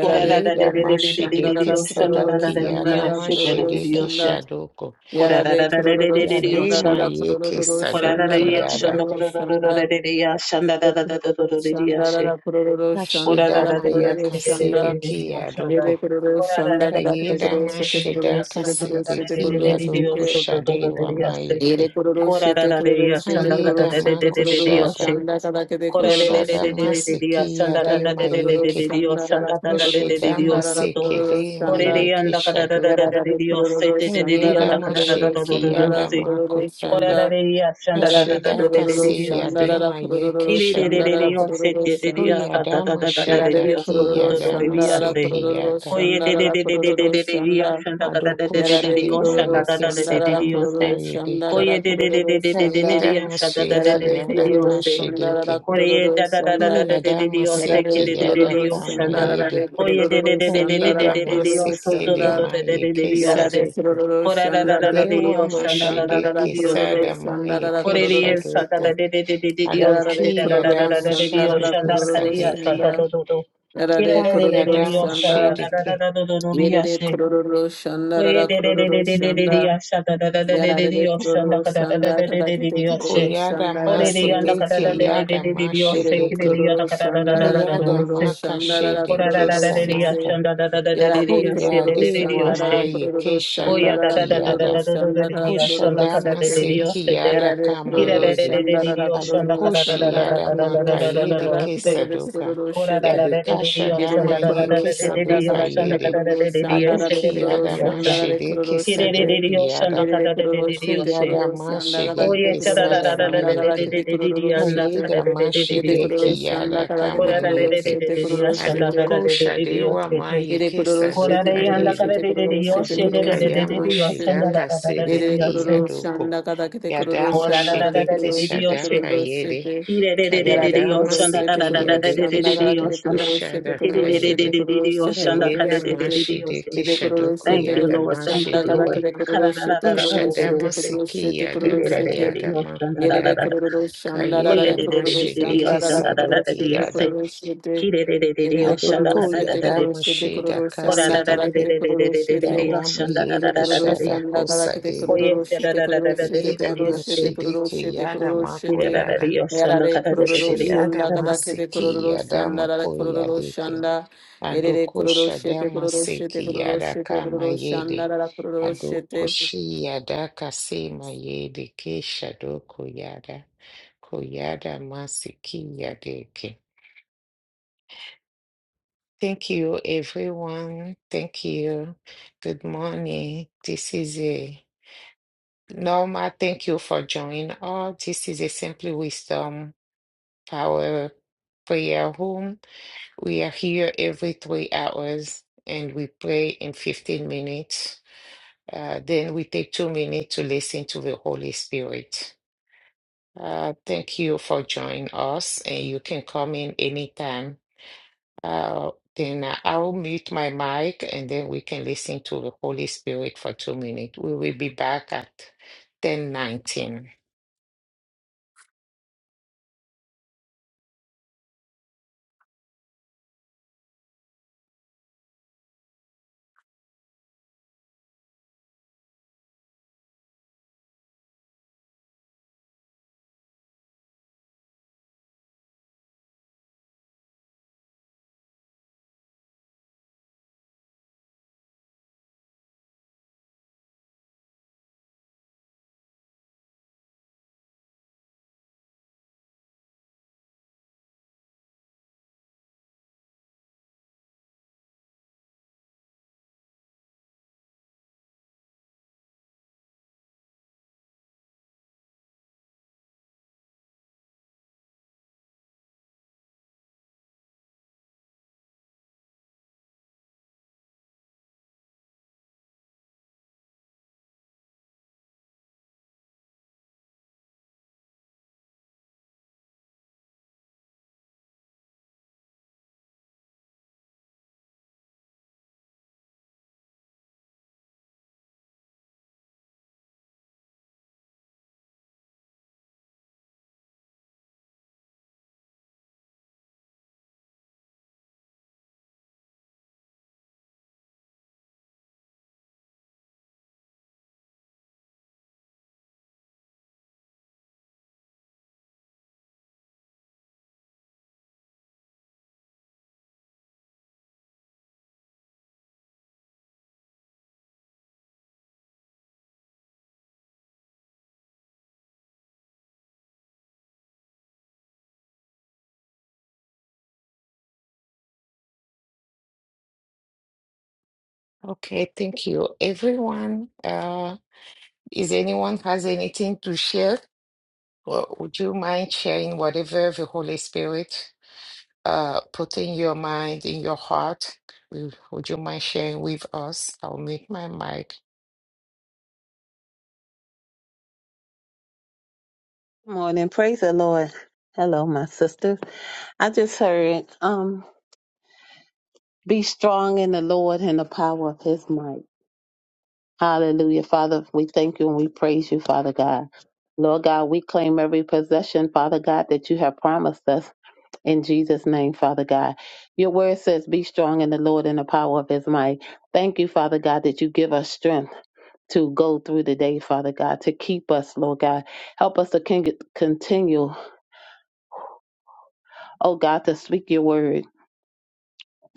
Speaker 2: Kora da da re re
Speaker 1: kororo
Speaker 2: re re re re re re,
Speaker 1: şandara
Speaker 3: mashedeke
Speaker 2: oshanda da
Speaker 1: kororo
Speaker 2: da
Speaker 3: sadoki
Speaker 2: da re re,
Speaker 3: yada
Speaker 1: şandara
Speaker 2: oshete re
Speaker 1: kororo
Speaker 2: re re,
Speaker 3: mashedeke
Speaker 1: şanda.
Speaker 2: oshe.
Speaker 3: shadoko
Speaker 2: Kora da
Speaker 1: Yarare
Speaker 2: da da re re re
Speaker 1: kururu
Speaker 2: re re,
Speaker 3: yade
Speaker 2: oshanda.
Speaker 1: şandarara
Speaker 3: mayeke
Speaker 1: kururu
Speaker 2: Ora da da
Speaker 3: sadoki
Speaker 1: şandarara
Speaker 2: ya
Speaker 3: yada
Speaker 2: shanda
Speaker 1: kururu
Speaker 2: koro ro ro ro da
Speaker 1: şanda
Speaker 2: da da ya shanda da da da da da
Speaker 1: kururu
Speaker 2: da da ya she.
Speaker 1: şandarara kururu
Speaker 2: Ora
Speaker 3: kasheda
Speaker 2: da
Speaker 1: şandarara
Speaker 2: da da ya
Speaker 1: kururu
Speaker 3: mayaka
Speaker 2: she da da da da da
Speaker 1: şanda
Speaker 2: da
Speaker 3: sedeki
Speaker 2: ya shanda.
Speaker 3: yadoko
Speaker 1: Yere kururu
Speaker 2: Ora da
Speaker 1: şanda
Speaker 2: da da
Speaker 1: kadar
Speaker 2: ya
Speaker 3: kayeda
Speaker 2: she
Speaker 1: kururu
Speaker 2: da da da
Speaker 1: sete
Speaker 2: da da
Speaker 1: kururu
Speaker 2: ya
Speaker 3: mashedaka
Speaker 1: sete
Speaker 2: shanda da
Speaker 1: kururu
Speaker 2: da da
Speaker 1: sete
Speaker 2: da da da
Speaker 3: sedeki
Speaker 2: da
Speaker 1: kururu
Speaker 2: da ya
Speaker 3: yadoko
Speaker 1: sete
Speaker 2: so da da da da
Speaker 3: shadewa
Speaker 2: da ya she.
Speaker 1: Yere
Speaker 3: mayeke
Speaker 1: kururu
Speaker 2: Ora da
Speaker 1: sete
Speaker 2: da da
Speaker 1: kururu
Speaker 2: ya
Speaker 1: sete
Speaker 2: shanda ka da
Speaker 1: kururu
Speaker 3: kayeda
Speaker 2: da da da
Speaker 1: sete
Speaker 2: da da da
Speaker 1: kururu
Speaker 2: ya she.
Speaker 3: makushada
Speaker 1: şanda kadar kede
Speaker 2: Ora da
Speaker 1: kururu
Speaker 2: da da
Speaker 3: kushada
Speaker 2: da da da
Speaker 1: sete
Speaker 2: da da ya
Speaker 3: maseki
Speaker 2: shanda da
Speaker 3: yade
Speaker 2: da da
Speaker 1: Yarare
Speaker 2: da da da
Speaker 1: kururu
Speaker 3: mayeke
Speaker 2: da da ya
Speaker 1: şandarara
Speaker 2: shanda da da da da
Speaker 1: kururu
Speaker 2: da da ya
Speaker 3: Ashidama
Speaker 2: so
Speaker 1: şandarara
Speaker 2: do.
Speaker 1: kururu
Speaker 3: sekele ma
Speaker 2: Ora da
Speaker 1: şanda
Speaker 2: ya
Speaker 3: yeke
Speaker 2: nda ka da da da da
Speaker 3: shaduko.
Speaker 2: da da
Speaker 1: Yarare
Speaker 2: ya she
Speaker 1: kururu
Speaker 2: da da da ya
Speaker 3: Ayeda
Speaker 2: nda
Speaker 1: şandarara
Speaker 2: ka
Speaker 3: ma
Speaker 2: da da
Speaker 1: kururu
Speaker 2: da da
Speaker 3: sheki
Speaker 2: da da ya
Speaker 1: şandara
Speaker 3: yada
Speaker 2: she.
Speaker 3: makutabi.
Speaker 1: kururu
Speaker 2: Ora
Speaker 3: kutabi.
Speaker 2: da
Speaker 1: şanda
Speaker 2: de shanda da da
Speaker 1: yarare
Speaker 2: da da de
Speaker 3: Ashidaka
Speaker 2: de de
Speaker 1: kururu
Speaker 3: se
Speaker 2: de yo se.
Speaker 3: yade
Speaker 1: şandarara
Speaker 3: ma yeke
Speaker 2: Ti
Speaker 1: kururu
Speaker 2: de de de
Speaker 1: şandara
Speaker 3: shaduko.
Speaker 1: kururu şanda
Speaker 2: da
Speaker 3: Uyada
Speaker 2: da
Speaker 3: ma
Speaker 2: da da da
Speaker 3: sheda
Speaker 1: yarare
Speaker 2: so
Speaker 3: ki
Speaker 2: do
Speaker 1: kururu
Speaker 2: do do
Speaker 3: yada
Speaker 2: de
Speaker 3: ma
Speaker 1: şandarara
Speaker 2: se.
Speaker 1: kururu
Speaker 2: Ko
Speaker 3: yaka.
Speaker 2: ye de
Speaker 1: şandarara kururu şanda
Speaker 2: shanda ka da da
Speaker 3: Adoko
Speaker 2: de de de de
Speaker 1: yarare
Speaker 3: shade ma
Speaker 1: kururu
Speaker 2: da
Speaker 3: yeke
Speaker 2: da da de
Speaker 1: şandarara
Speaker 3: sadama ka
Speaker 1: kururu
Speaker 2: Ko
Speaker 3: yedeke.
Speaker 1: şandarara
Speaker 2: ye de de de
Speaker 1: kururu şanda
Speaker 3: Ayeda ma
Speaker 2: da da da de
Speaker 1: yarare
Speaker 3: yada ka
Speaker 1: kururu şandarara
Speaker 3: shedeke.
Speaker 2: Ko ye
Speaker 1: kururu
Speaker 2: da da da da da
Speaker 1: şanda
Speaker 2: da de
Speaker 3: Uyada ma
Speaker 2: ke
Speaker 1: yarare
Speaker 2: de
Speaker 3: yada
Speaker 1: kururu
Speaker 3: ka ma
Speaker 2: shanda.
Speaker 1: şandarara
Speaker 3: yede.
Speaker 2: Ko ye de de
Speaker 1: kururu
Speaker 3: Ayeda
Speaker 1: şandarara
Speaker 3: ma
Speaker 1: kururu
Speaker 2: so do do
Speaker 3: sekele
Speaker 1: şanda
Speaker 2: do
Speaker 3: ma
Speaker 2: de
Speaker 3: yeke
Speaker 1: Yarade
Speaker 2: se.
Speaker 3: saduko.
Speaker 1: kururu
Speaker 2: Ko ra ra
Speaker 1: şandarara
Speaker 3: Yadewa
Speaker 1: kururu
Speaker 2: shanda da da da de
Speaker 1: şandarara
Speaker 3: mashidiki
Speaker 1: kururu
Speaker 3: sada maye
Speaker 1: şandarara
Speaker 3: kesha
Speaker 1: kururu
Speaker 2: Korere sata
Speaker 3: doko.
Speaker 2: da
Speaker 1: şeke.
Speaker 2: de de de de de de oshe de
Speaker 1: Yarade
Speaker 2: da
Speaker 3: Adoki
Speaker 2: da da da
Speaker 1: kururu
Speaker 2: da
Speaker 3: yadama
Speaker 2: da de de
Speaker 1: şandarara
Speaker 2: oshan
Speaker 3: shaduko
Speaker 2: da
Speaker 1: kururu
Speaker 2: kariya
Speaker 3: sadiki.
Speaker 2: sata
Speaker 1: şanda.
Speaker 2: do do do. Kire
Speaker 1: Yarade
Speaker 2: de
Speaker 3: Ta
Speaker 2: de de de
Speaker 1: kururu
Speaker 2: de
Speaker 3: yadama
Speaker 2: oshan da
Speaker 1: şanda.
Speaker 2: da da da
Speaker 3: shidiki.
Speaker 2: da do do do riya
Speaker 1: Yerede
Speaker 2: she.
Speaker 1: kururu
Speaker 2: Koye
Speaker 1: şandarara
Speaker 2: de de de de
Speaker 1: kururu
Speaker 2: de de de de
Speaker 1: şanda.
Speaker 2: yasha da da da da de de de
Speaker 1: Yarade
Speaker 2: oshan da
Speaker 1: kururu
Speaker 2: ka da da da
Speaker 1: şanda
Speaker 2: da de de de
Speaker 1: kadakete
Speaker 2: de
Speaker 1: kururu
Speaker 2: oshe.
Speaker 3: Kuyada
Speaker 2: Ore
Speaker 1: şandarara
Speaker 2: de yanda
Speaker 1: kururu
Speaker 2: da da da
Speaker 3: masidiki
Speaker 2: de de
Speaker 1: şanda.
Speaker 2: de
Speaker 3: yada
Speaker 2: de de de oshe
Speaker 1: Yerede
Speaker 2: kire de
Speaker 3: mashidiki.
Speaker 2: yanda
Speaker 1: kururu
Speaker 2: ka da da da da da
Speaker 1: şandarara
Speaker 2: da da
Speaker 3: Ayada
Speaker 1: kururu
Speaker 2: oshe.
Speaker 3: maka
Speaker 1: şandarara
Speaker 2: Kora da
Speaker 3: shidiki
Speaker 2: da
Speaker 1: kururu
Speaker 2: da de de
Speaker 1: şeke.
Speaker 3: samaka.
Speaker 2: yashan da da da da de de de
Speaker 1: Yarare
Speaker 2: yashe de
Speaker 1: kururu
Speaker 2: de de de
Speaker 3: Kuyadewa
Speaker 2: oshe.
Speaker 1: şandarara
Speaker 3: maye
Speaker 1: kururu
Speaker 3: kesha
Speaker 2: Oya da
Speaker 1: şandarara
Speaker 2: da
Speaker 3: doki
Speaker 2: da da da
Speaker 3: yada.
Speaker 1: kururu
Speaker 2: da da da da
Speaker 1: şandarara
Speaker 2: di ashanda
Speaker 1: kururu
Speaker 2: kada
Speaker 3: Koshadama
Speaker 2: da di
Speaker 1: sete.
Speaker 3: se
Speaker 2: di oste de
Speaker 3: kiyada
Speaker 1: Yarare
Speaker 3: kama
Speaker 2: tira
Speaker 1: kururu
Speaker 2: da da
Speaker 3: yede.
Speaker 2: da da di di
Speaker 1: şandarara
Speaker 2: ashanda
Speaker 1: kururu
Speaker 2: kada da da
Speaker 3: Adokoshi
Speaker 2: da
Speaker 1: şandara
Speaker 2: da
Speaker 3: yada
Speaker 2: da da da da
Speaker 1: kururu
Speaker 3: maka
Speaker 2: da da da
Speaker 3: yede
Speaker 2: da
Speaker 1: şandara
Speaker 2: oste
Speaker 1: kururu
Speaker 3: kesadoka.
Speaker 1: kururu
Speaker 2: kora da da
Speaker 1: sete.
Speaker 2: da da
Speaker 3: Yadeka
Speaker 2: di di
Speaker 1: Yerere
Speaker 3: shadama
Speaker 2: ashanda da da
Speaker 3: ye
Speaker 2: da
Speaker 1: kururu
Speaker 2: da da da
Speaker 1: şanda
Speaker 2: di
Speaker 3: kesadoka
Speaker 2: ashanda
Speaker 1: kadakete
Speaker 3: yede.
Speaker 2: kada da
Speaker 1: kururu
Speaker 2: da da di este
Speaker 1: şandarare
Speaker 2: da
Speaker 3: Adoki
Speaker 2: da da
Speaker 1: kururu
Speaker 3: yada
Speaker 2: di oste
Speaker 1: şandarare
Speaker 3: mashede
Speaker 1: kururu
Speaker 2: tira da da
Speaker 1: sete.
Speaker 2: di
Speaker 3: kesadoki
Speaker 2: ashanda
Speaker 3: yada.
Speaker 1: Yerere
Speaker 2: kada da da
Speaker 1: kururu
Speaker 2: da di
Speaker 1: sete
Speaker 2: oste
Speaker 3: Koyada
Speaker 1: kururu şanda
Speaker 3: mashede
Speaker 1: kadakete
Speaker 2: oye cha da
Speaker 1: kururu
Speaker 2: da da
Speaker 3: kesada
Speaker 2: da da
Speaker 1: şanda
Speaker 2: da da da
Speaker 3: mayeke.
Speaker 2: da
Speaker 1: kadakete
Speaker 2: da di di
Speaker 1: kururu
Speaker 2: anda
Speaker 1: sete.
Speaker 2: kada
Speaker 3: Kayeda
Speaker 2: da da da di di
Speaker 1: Yede
Speaker 3: mashede
Speaker 2: oste
Speaker 1: kururu şanda
Speaker 3: kiyada
Speaker 1: kadakete
Speaker 3: kama
Speaker 2: kora da da
Speaker 1: kururu
Speaker 2: da da
Speaker 3: yeke.
Speaker 1: sete
Speaker 2: da di
Speaker 1: kururu
Speaker 2: ashanda da
Speaker 1: sete.
Speaker 2: da
Speaker 3: Adoko
Speaker 2: da da di di
Speaker 3: Shadewa
Speaker 2: oste
Speaker 1: エレコ
Speaker 3: Mayike
Speaker 1: ロロシェテ
Speaker 3: Sadoka
Speaker 1: コ
Speaker 2: Korare
Speaker 1: ロロ
Speaker 2: anda
Speaker 1: シェ
Speaker 3: Yede.
Speaker 1: テコ
Speaker 2: karare
Speaker 1: ロ
Speaker 2: de de
Speaker 1: ロシェテ
Speaker 2: yoshe
Speaker 1: コロ
Speaker 2: de
Speaker 1: ロ
Speaker 2: de
Speaker 3: Adeka
Speaker 1: シェ
Speaker 2: de
Speaker 1: テ
Speaker 2: de
Speaker 1: コ
Speaker 2: de
Speaker 1: ロ
Speaker 3: Yama
Speaker 2: de
Speaker 1: ロシ
Speaker 2: yoshe
Speaker 1: ェ
Speaker 2: anda
Speaker 1: テ
Speaker 2: da
Speaker 3: Shidaka
Speaker 2: da da da
Speaker 1: エ
Speaker 2: de de
Speaker 1: レコロ
Speaker 3: Sedeki
Speaker 2: yoshe.
Speaker 1: ロシャン
Speaker 3: Yadoko.
Speaker 1: ダカダケテコロロシ
Speaker 3: Yadama
Speaker 1: ャン
Speaker 2: Korara
Speaker 1: ダラ
Speaker 2: da
Speaker 1: レ
Speaker 2: da
Speaker 1: コ
Speaker 2: da
Speaker 1: ロ
Speaker 3: Shideke
Speaker 2: de
Speaker 1: ロ
Speaker 2: de de
Speaker 1: シェテコロ
Speaker 2: yoshe.
Speaker 3: Shadaka
Speaker 1: ロシェ
Speaker 3: Yede.
Speaker 1: テ
Speaker 2: Tire de de
Speaker 1: ヤ
Speaker 2: de
Speaker 1: ラ
Speaker 2: de
Speaker 1: レ
Speaker 2: de
Speaker 1: コロ
Speaker 3: Kayadama
Speaker 1: ロ
Speaker 2: yoshe
Speaker 1: シ
Speaker 2: anda
Speaker 1: ェ
Speaker 2: da
Speaker 1: テ
Speaker 2: da
Speaker 1: コ
Speaker 2: da
Speaker 3: Siki
Speaker 1: ロ
Speaker 2: da
Speaker 1: ロ
Speaker 2: da
Speaker 1: シャ
Speaker 2: de
Speaker 3: Yadeke
Speaker 1: ン
Speaker 2: de
Speaker 1: ダ
Speaker 2: de
Speaker 1: ガ
Speaker 2: de
Speaker 1: ラケテ
Speaker 2: yoshe
Speaker 1: コ
Speaker 3: Shadoko
Speaker 1: ロ
Speaker 2: anda.
Speaker 1: ロシェテコロ
Speaker 2: Tire
Speaker 3: Shadaka
Speaker 1: ロ
Speaker 2: de
Speaker 1: シ
Speaker 2: de
Speaker 1: ェ
Speaker 2: de
Speaker 1: テ
Speaker 3: Yede.
Speaker 1: コ
Speaker 2: de
Speaker 1: ロ
Speaker 2: de
Speaker 1: ロ
Speaker 2: de
Speaker 1: シェ
Speaker 2: yoshe
Speaker 1: テコロ
Speaker 2: anda
Speaker 1: ロ
Speaker 2: kare
Speaker 3: Kayeda
Speaker 1: シ
Speaker 2: de
Speaker 1: ェ
Speaker 2: de
Speaker 1: テ
Speaker 2: de de yoshe.
Speaker 1: エ
Speaker 3: Mashideke
Speaker 1: レコロロシ
Speaker 3: Shadoko
Speaker 1: ェ
Speaker 2: Thank
Speaker 1: テコ
Speaker 2: you
Speaker 1: ロ
Speaker 3: Yada
Speaker 1: ロ
Speaker 2: Lord,
Speaker 1: シャン
Speaker 2: thank
Speaker 1: ダ
Speaker 2: you
Speaker 1: ガラケ
Speaker 2: Lord.
Speaker 3: Mashideke.
Speaker 1: テコロ
Speaker 2: Kara
Speaker 1: ロ
Speaker 2: da
Speaker 1: シェ
Speaker 2: da
Speaker 1: テ
Speaker 2: da
Speaker 1: コ
Speaker 2: da
Speaker 1: ロ
Speaker 2: da
Speaker 1: ロ
Speaker 2: da da da
Speaker 1: シェテ
Speaker 3: Koshadama
Speaker 1: コロ
Speaker 2: yoshe.
Speaker 1: ロシェ
Speaker 3: seki
Speaker 1: テコロ
Speaker 3: Yada
Speaker 1: ロ
Speaker 2: Tire
Speaker 1: シ
Speaker 2: de
Speaker 1: ェ
Speaker 2: de de
Speaker 1: テ
Speaker 2: de
Speaker 3: Kayada
Speaker 2: yoshe anda
Speaker 1: エ
Speaker 2: da
Speaker 1: レ
Speaker 2: da
Speaker 1: レ
Speaker 2: da
Speaker 1: コ
Speaker 3: Makuyada.
Speaker 1: ロ
Speaker 2: da.
Speaker 1: ロシャンダラ
Speaker 2: Koye
Speaker 1: レ
Speaker 3: Kayeda
Speaker 2: de
Speaker 1: コロ
Speaker 2: de de
Speaker 1: ロ
Speaker 2: de
Speaker 1: シ
Speaker 2: de
Speaker 1: ャ
Speaker 2: de
Speaker 1: ンダ
Speaker 3: Mashideke
Speaker 1: ラ
Speaker 2: yoshe
Speaker 1: ラ
Speaker 2: anda
Speaker 1: コロ
Speaker 2: da da
Speaker 1: ロ
Speaker 2: da
Speaker 1: シ
Speaker 3: Sadoki
Speaker 2: de
Speaker 1: ェテコ
Speaker 3: Yada.
Speaker 1: ロ
Speaker 2: yoshe.
Speaker 1: ロシェテ
Speaker 2: Kire de de de
Speaker 1: エー
Speaker 2: de
Speaker 1: グルーハン
Speaker 2: yoshe anda
Speaker 1: 各をし
Speaker 3: Adoko
Speaker 2: kara da
Speaker 1: て
Speaker 2: da
Speaker 1: くれ
Speaker 2: da.
Speaker 1: る
Speaker 3: Yadamu
Speaker 1: シ
Speaker 3: Shida
Speaker 1: ョンナ
Speaker 2: Korara
Speaker 1: カ
Speaker 2: da da
Speaker 1: ラ
Speaker 2: de
Speaker 1: ケ
Speaker 2: de
Speaker 3: Kasidiki
Speaker 1: テコ
Speaker 2: de
Speaker 1: ロォ
Speaker 2: de
Speaker 1: ン
Speaker 2: de
Speaker 1: Christie
Speaker 2: de de yoshe
Speaker 3: Dawama
Speaker 2: anda
Speaker 1: ペー
Speaker 2: da da
Speaker 1: ローでー
Speaker 3: Yeki
Speaker 1: グ
Speaker 2: da da
Speaker 1: ルー
Speaker 2: da
Speaker 1: シ
Speaker 3: Shada
Speaker 1: about like is a
Speaker 3: Kosadimi
Speaker 2: Oye,
Speaker 1: little
Speaker 2: se
Speaker 1: gee
Speaker 2: da
Speaker 1: パ
Speaker 2: da
Speaker 1: タ
Speaker 2: da da da da da da
Speaker 3: Yeda
Speaker 2: Dios, se
Speaker 3: Mashidiki Yada Mako
Speaker 2: da da da
Speaker 3: Yada
Speaker 2: Dios,
Speaker 1: ー
Speaker 2: sando
Speaker 1: ンパ utal
Speaker 2: cada da
Speaker 1: reprogen
Speaker 2: da
Speaker 1: と
Speaker 2: da
Speaker 1: してテ
Speaker 2: Dios,
Speaker 1: ミ
Speaker 3: Kushiyada
Speaker 1: タ
Speaker 2: sando.
Speaker 1: ー
Speaker 3: Masiki Yada Mako Yadiki Adoko
Speaker 1: ルシェデコ
Speaker 3: Shadama
Speaker 1: ロロシエデコロ
Speaker 3: Siki
Speaker 1: とか
Speaker 3: Yada
Speaker 1: エーラデ retailers アバ
Speaker 3: Kama
Speaker 1: て terug in Losin エーグルー
Speaker 3: Yede
Speaker 1: シェ
Speaker 3: Adoko
Speaker 1: テ
Speaker 3: Shi Yada Kasima Yede Kesha Doko Yada Koyada Masiki Yadiki Thank you, everyone. Thank you. Good morning. This is a Norma. Thank you for joining us. This is a Simply Wisdom Power Prayer Room. We are here every three hours and we pray in 15 minutes. Uh, then we take two minutes to listen to the Holy Spirit. Uh, thank you for joining us, and you can come in anytime. Uh, then I will mute my mic and then we can listen to the Holy Spirit for two minutes. We will be back at 10:19. Okay, thank you, everyone. Uh, is anyone has anything to share? Or would you mind sharing whatever the Holy Spirit uh put in your mind, in your heart? Would would you mind sharing with us? I'll mute my mic.
Speaker 2: Hello, Sis- I just um be like, Hallelujah, Father. We praise you, Father God. Lord God, we claim every possession, Father God, that you have promised us in Jesus' name, Father God. Your word says, Be strong in the Lord and the power of his might. Thank you, Father God, that you give us strength to go through the day, Father God, to keep us, Lord God. Help us to con- continue, oh God, to speak your word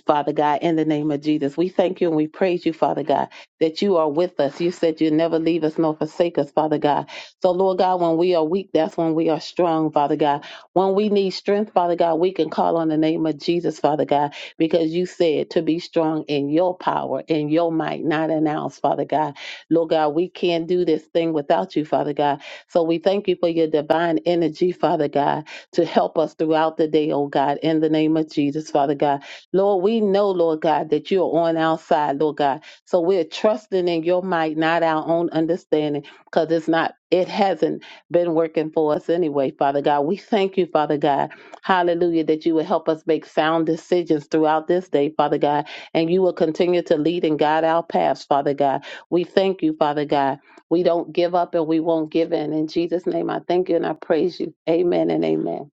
Speaker 2: Father God, in the name of Jesus. We thank you and we praise you, Father God, that you are with us. You said you'll never leave us nor forsake us, Father God. So, Lord God, when we are weak, that's when we are strong, Father God. When we need strength, Father God, we can call on the name of Jesus, Father God, because you said to be strong in your power, in your might, not in ours, Father God. Lord God, we can't do this thing without you, Father God. So we thank you for your divine energy, Father God, to help us throughout the day, oh God, in the name of Jesus, Father God. Lord, we know, Lord God, that you're on our side, Lord God. So we're trusting in your might, not our own understanding, because it's not, it hasn't been working for us anyway, Father God. We thank you, Father God. Hallelujah, that you will help us make sound decisions throughout this day, Father God, and you will continue to lead and guide our paths, Father God. We thank you, Father God. We don't give up and we won't give in. In Jesus' name, I thank you and I praise you. Amen and amen.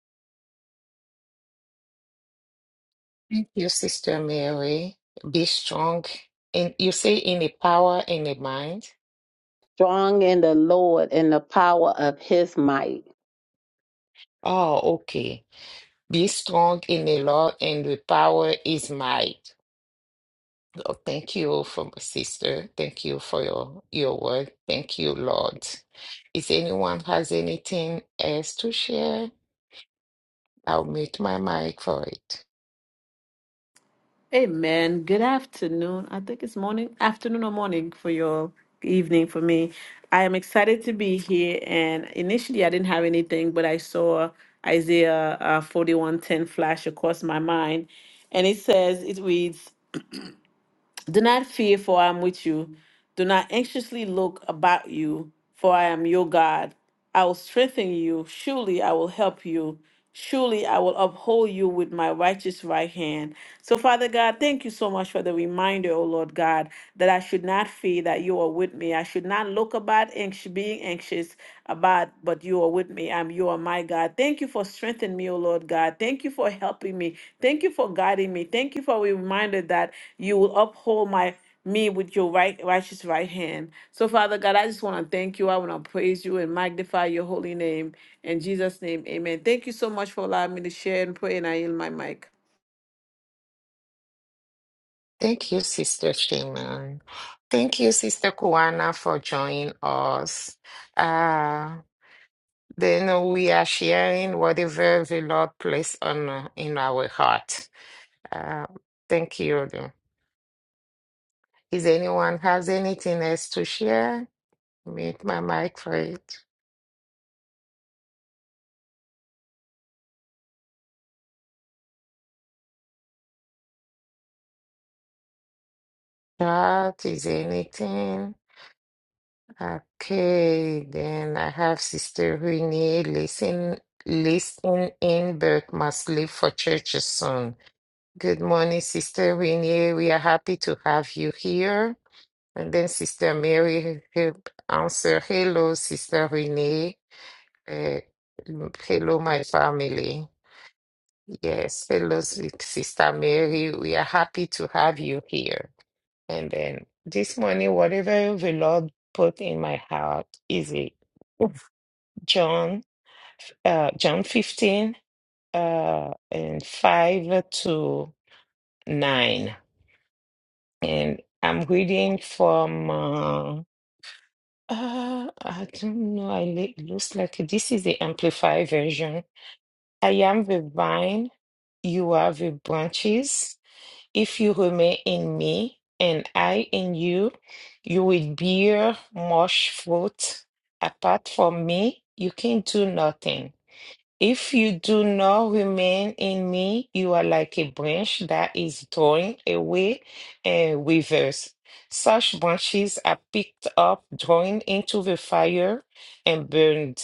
Speaker 3: Thank you, Sister Mary. Be strong. And you say in a power in a mind.
Speaker 2: Strong in the Lord and the power of his might.
Speaker 3: Oh, okay. Be strong in the Lord and the power is might. Oh, thank you for sister. Thank you for your your word. Thank you, Lord. If anyone has anything else to share, I'll mute my mic for it.
Speaker 1: Hey man, good afternoon. I think it's morning, afternoon or morning for your evening for me. I am excited to be here and initially I didn't have anything, but I saw Isaiah uh, 41:10 flash across my mind and it says it reads do not fear, for I am with you. Do not anxiously look about you, for I am your God. I will strengthen you. Surely I will help you. Surely I will uphold you with my righteous right hand. So, Father God, thank you so much for the reminder, O Lord God, that I should should not fear that you are with me. I should not look about anx- being anxious about, but you are with me. I'm you are my God. Thank you for strengthening me, O Lord God. Thank you for helping me. Thank you for guiding me. Thank you for a reminder that you will uphold my me with your right righteous right hand. So Father God, I just want to thank you. I want to praise you and magnify your holy name. In Jesus' name, amen. Thank you so much for allowing me to share and pray and I yield my mic.
Speaker 3: Thank you, Sister Shaman. Thank you, Sister Kuana, for joining us. Uh, then we are sharing whatever the Lord placed on in our heart. Uh, thank you. Is anyone has anything else to share? Mute my mic for it. Chat is anything. Okay, then I have Sister Renee listen Listening, in but must leave for church soon. Good morning, Sister Renee. We are happy to have you here. And then Sister Mary help answer. Hello, Sister Renee. Uh, hello, my family. Yes, hello, si- Sister Mary. We are happy to have you here. And then this morning, whatever the Lord put in my heart is it John, uh, John 15, uh, and 5 to 9. And I'm reading from, uh, uh, I don't know, I li- looks like this is the Amplified version. I am the vine, you are the branches. If you remain in me and I in you, you will bear much fruit. Apart from me, you can do nothing. If you do not remain in me, you are like a branch that is torn away and withers. Such branches are picked up, thrown into the fire, and burned.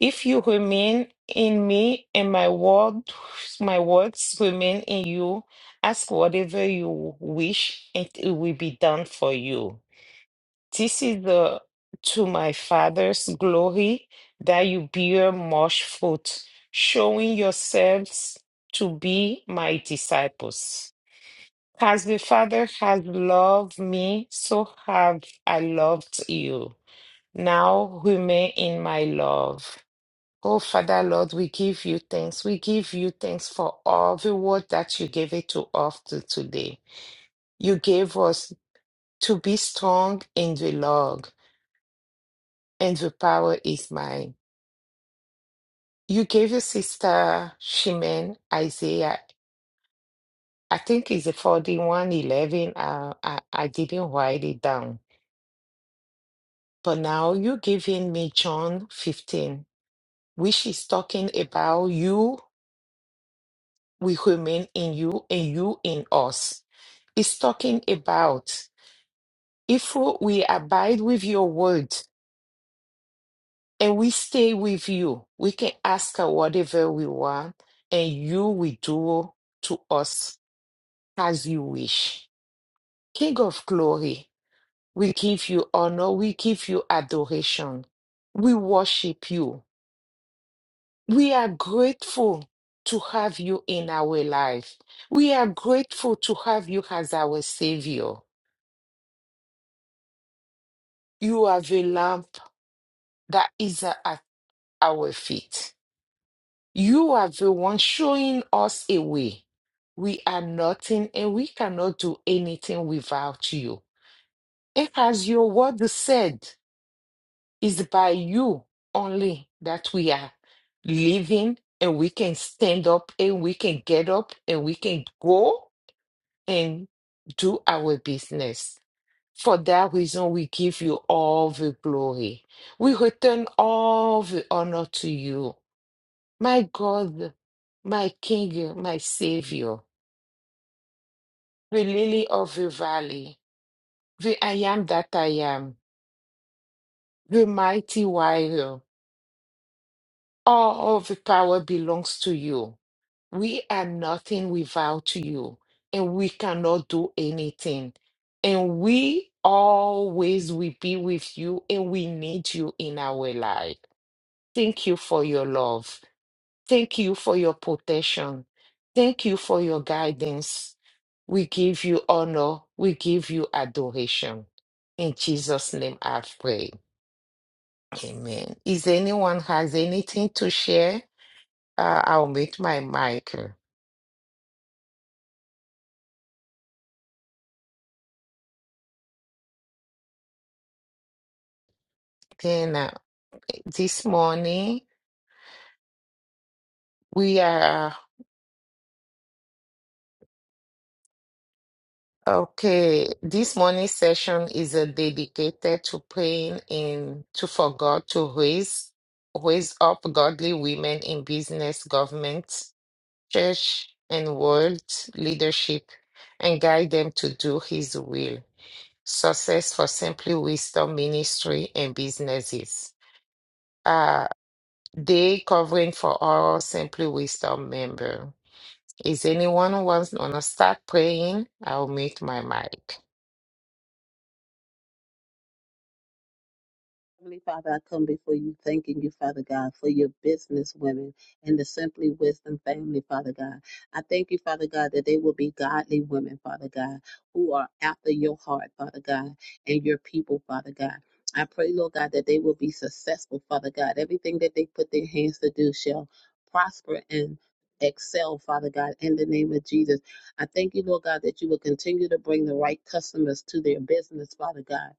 Speaker 3: If you remain in me and my word, my words remain in you, ask whatever you wish, and it will be done for you. This is the to my Father's glory that you bear much fruit, showing yourselves to be my disciples. As the Father has loved me, so have I loved you. Now remain in my love. Oh, Father Lord, we give you thanks. We give you thanks for all the word that you gave it to us to today. You gave us to be strong in the Lord and the power is mine. You gave your sister Shimen Isaiah, I think it's a 41 11. Uh, I, I didn't write it down. But now you're giving me John 15, which is talking about you, we remain in you, and you in us. It's talking about if we abide with your word and we stay with you, we can ask her whatever we want, and you will do to us as you wish. King of glory, we give you honor, we give you adoration, we worship you. We are grateful to have you in our life. We are grateful to have you as our Savior. You are the lamp that is at our feet. You are the one showing us a way. We are nothing and we cannot do anything without you. And as your word said, It's by you only that we are living and we can stand up and we can get up and we can go and do our business. For that reason, we give you all the glory. We return all the honor to you. My God, my King, my Savior, the lily of the valley, the I am that I am, the mighty warrior, all of the power belongs to you. We are nothing without you, and we cannot do anything. And we always will be with you, and we need you in our life. Thank you for your love. Thank you for your protection. Thank you for your guidance. We give you honor. We give you adoration. In Jesus' name I pray. Amen. Is anyone has anything to share? Uh, I'll meet my mic. Then. uh, This morning, we are okay. This morning session is uh, dedicated to praying in to for God to raise raise up godly women in business, government, church, and world leadership, and guide them to do His will. Success for Simply Wisdom Ministry and businesses. Uh, day covering for all Simply Wisdom member. Is anyone who wants to start praying? I'll mute my mic.
Speaker 2: Heavenly Father, I come before you, thanking you, Father God, for your business women and the Simply Wisdom family, Father God. I thank you, Father God, that they will be godly women, Father God, who are after your heart, Father God, and your people, Father God. I pray, Lord God, that they will be successful, Father God. Everything that they put their hands to do shall prosper and excel, Father God, in the name of Jesus. I thank you, Lord God, that you will continue to bring the right customers to their business, Father God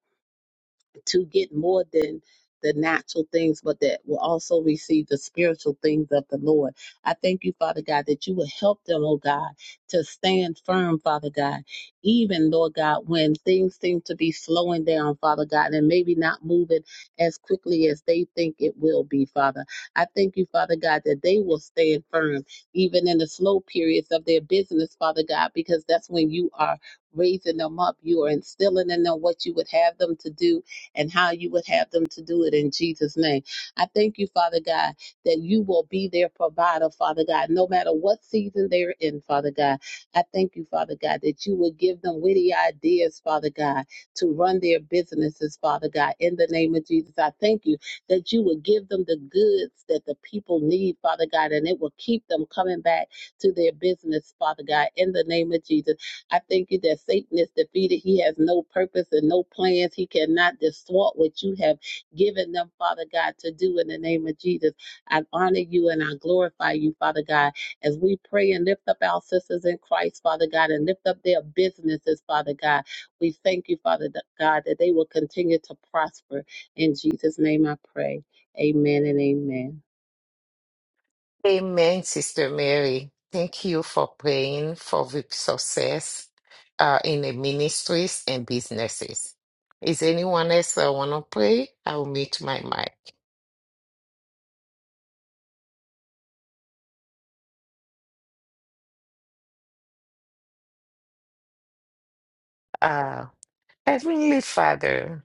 Speaker 2: to get more than the natural things, but that will also receive the spiritual things of the Lord. I thank you, Father God, that you will help them, oh God, to stand firm, Father God, even, Lord God, when things seem to be slowing down, Father God, and maybe not moving as quickly as they think it will be, Father. I thank you, Father God, that they will stand firm, even in the slow periods of their business, Father God, because that's when you are raising them up. You are instilling in them what you would have them to do and how you would have them to do it in Jesus' name. I thank you, Father God, that you will be their provider, Father God, no matter what season they're in, Father God. I thank you, Father God, that you will give them witty ideas, Father God, to run their businesses, Father God, in the name of Jesus. I thank you that you will give them the goods that the people need, Father God, and it will keep them coming back to their business, Father God, in the name of Jesus. I thank you that Satan is defeated. He has no purpose and no plans. He cannot distort what you have given them, Father God, to do in the name of Jesus. I honor you and I glorify you, Father God, as we pray and lift up our sisters in Christ, Father God, and lift up their businesses, Father God. We thank you, Father God, that they will continue to prosper. In Jesus' name I pray. Amen and amen.
Speaker 3: Amen, Sister Mary. Thank you for praying for the success uh, in the ministries and businesses. Is anyone else that want to pray? I'll mute my mic. Uh, Heavenly Father,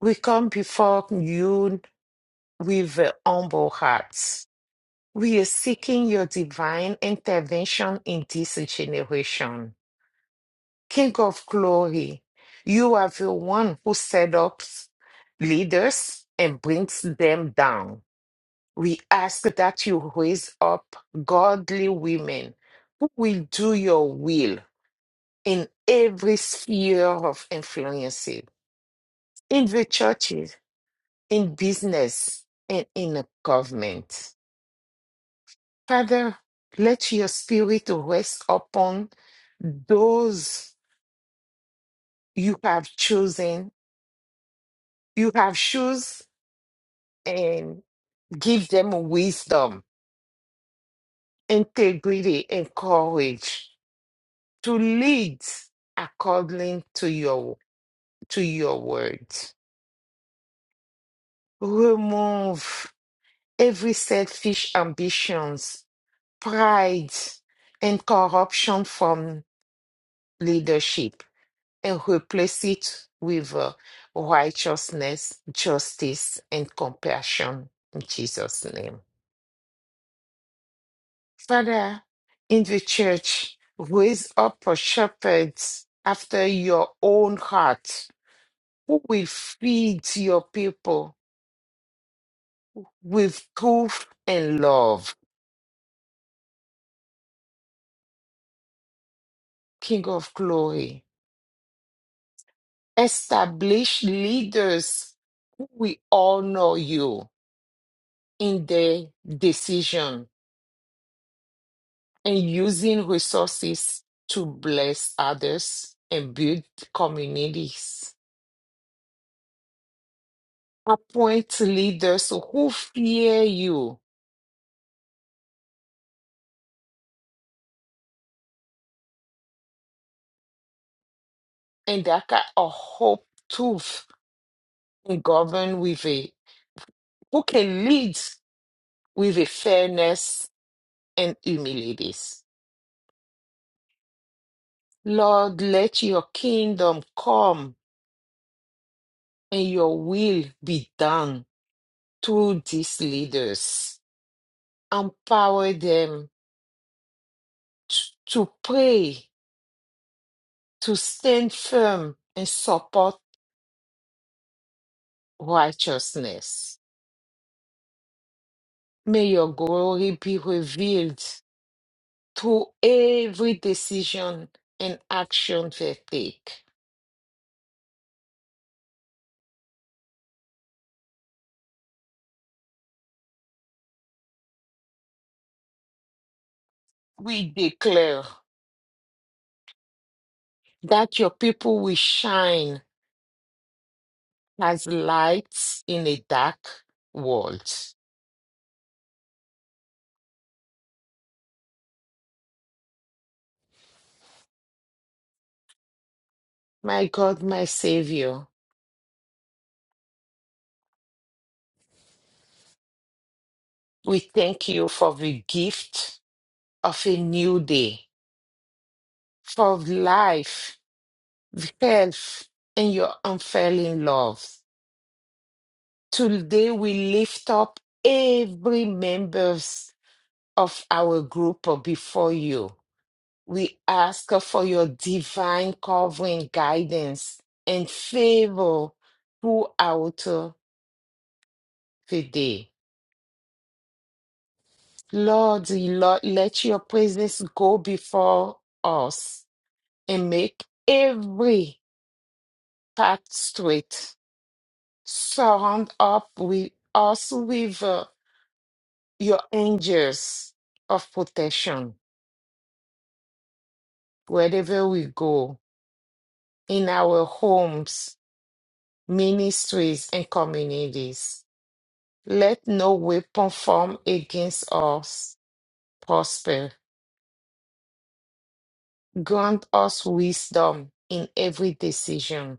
Speaker 3: we come before you with uh, humble hearts. We are seeking your divine intervention in this generation. King of glory, you are the one who set up leaders and brings them down. We ask that you raise up godly women who will do your will in every sphere of influence, in the churches, in business, and in the government. Father, let your spirit rest upon those you have chosen. You have chosen and give them wisdom, integrity, and courage to lead according to your to your words. Remove every selfish ambitions, pride, and corruption from leadership and replace it with uh, righteousness, justice, and compassion in Jesus' name. Father, in the church, raise up a shepherd after your own heart who will feed your people with truth and love. King of glory, establish leaders who will honor you in their decision and using resources to bless others and build communities. Appoint leaders who fear you and that kind of hope tooth in govern with a who can lead with a fairness and humility. Lord, let your kingdom come and your will be done through these leaders. Empower them t- to pray, to stand firm and support righteousness. May your glory be revealed to every decision and action they take. We declare that your people will shine as lights in a dark world. My God, my Savior, we thank you for the gift of a new day, for life, health, and your unfailing love. Today we lift up every members of our group before you We ask for your divine covering, guidance, and favor throughout uh, the day. Lord, Lord, let your presence go before us and make every path straight. Surround up with us with uh, your angels of protection wherever we go, in our homes, ministries, and communities. Let no weapon formed against us prosper. Grant us wisdom in every decision,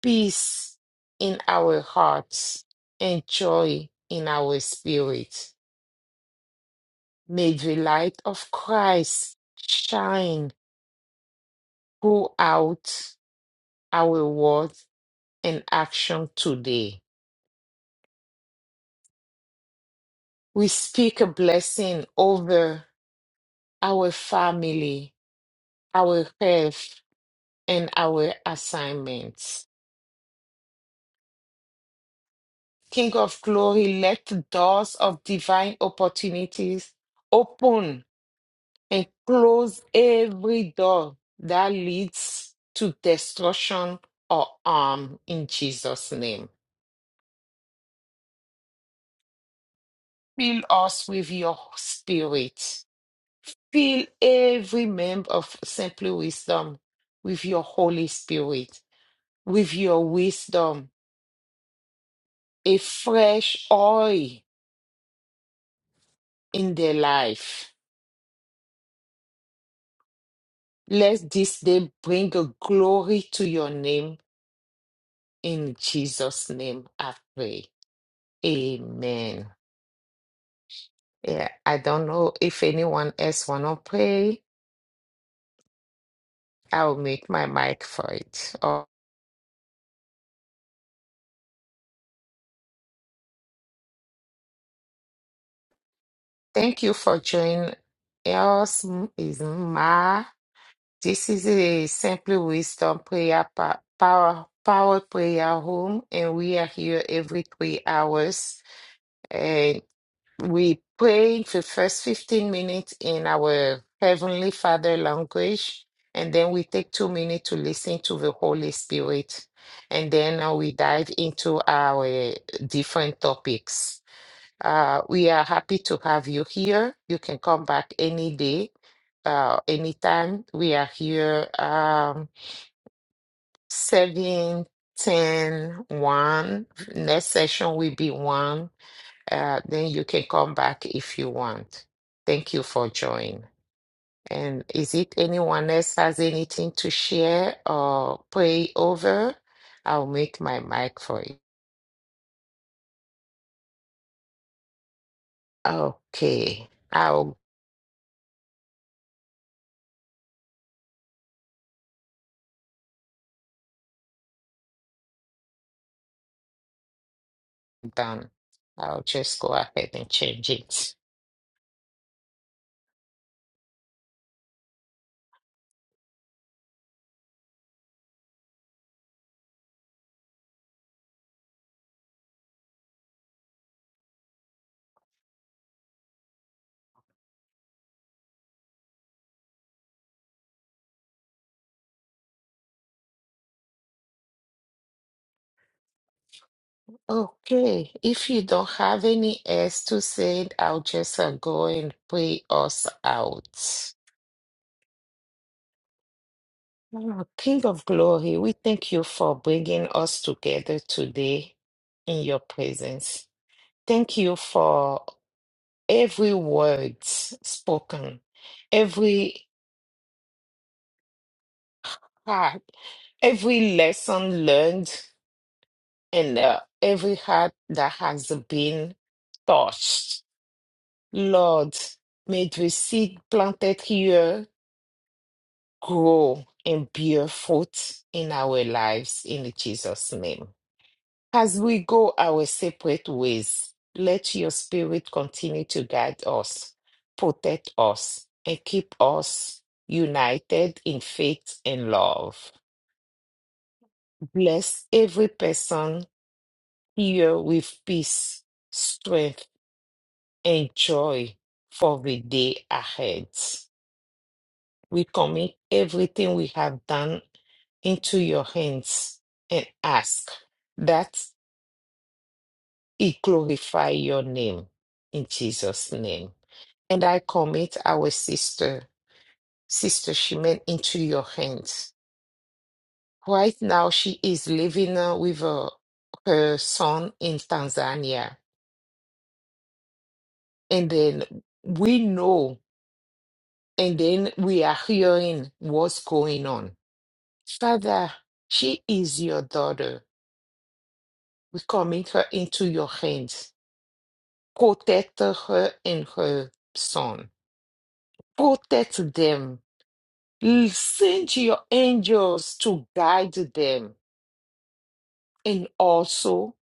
Speaker 3: peace in our hearts, and joy in our spirit. May the light of Christ shine throughout our words and action today. We speak a blessing over our family, our health, and our assignments. King of glory, let the doors of divine opportunities open and close every door that leads to destruction or harm in Jesus' name. Fill us with your spirit. Fill every member of Simply Wisdom with your Holy Spirit, with your wisdom, a fresh oil in their life Let this day bring a glory to your name. In Jesus' name, I pray. Amen. Yeah, I don't know if anyone else want to pray. I'll make my mic for it. Oh, thank you for joining us. M- Is Ma. This is a Simply Wisdom Prayer pa- Power Power Prayer Home, and we are here every three hours. And We prayed the first 15 minutes in our Heavenly Father language, and then we take two minutes to listen to the Holy Spirit. And then uh, we dive into our different topics. Uh, we are happy to have you here. You can come back any day, uh, anytime. We are here um, 7, ten, one. Next session will be 1 uh, then you can come back if you want. Thank you for joining. And is it anyone else has anything to share or pray over? I'll make my mic for you. Okay, I'll done. I'll just go ahead and change it. Okay, if you don't have any else to say, I'll just uh, go and pray us out. Oh, King of glory, we thank you for bringing us together today in your presence. Thank you for every word spoken, every heart, every lesson learned, and uh, every heart that has been touched. Lord, may the seed planted here grow and bear fruit in our lives in Jesus' name. As we go our separate ways, let your spirit continue to guide us, protect us, and keep us united in faith and love. Bless every person here with peace, strength, and joy for the day ahead. We commit everything we have done into your hands and ask that it glorify your name. In Jesus' name. and I commit our sister, Sister Shimen, into your hands. Right now, she is living uh, with uh, her son in Tanzania. And then we know, and then we are hearing what's going on. Father, she is your daughter. We commit her into your hands. Protect her and her son. Protect them. Send your angels to guide them And also,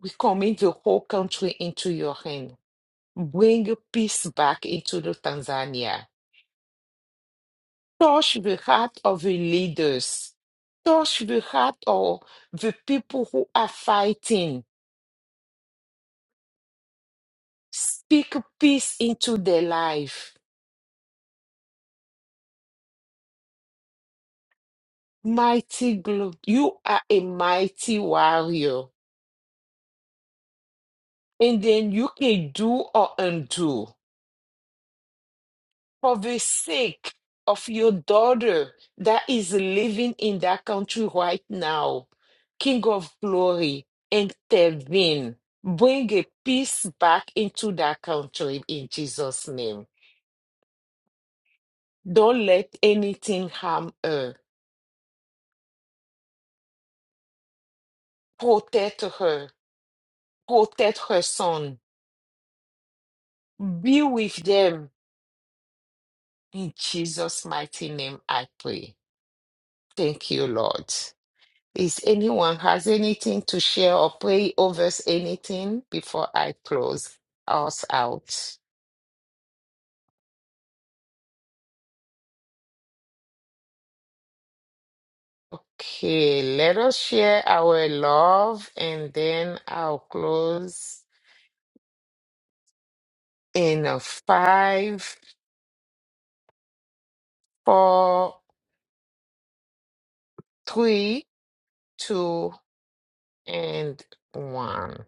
Speaker 3: we commit the whole country into your hand. Bring peace back into the Tanzania. Touch the heart of the leaders. Touch the heart of the people who are fighting. Speak peace into their life. Mighty God, you are a mighty warrior. And then you can do or undo. for the sake of your daughter that is living in that country right now, King of glory, intervene. Bring a peace back into that country in Jesus' name. Don't let anything harm her. Protect her. Protect her son. Be with them. In Jesus' mighty name, I pray. Thank you, Lord. Is anyone has anything to share or pray over anything before I close us out? Okay, let us share our love and then I'll close in a five, four, three, two, and one.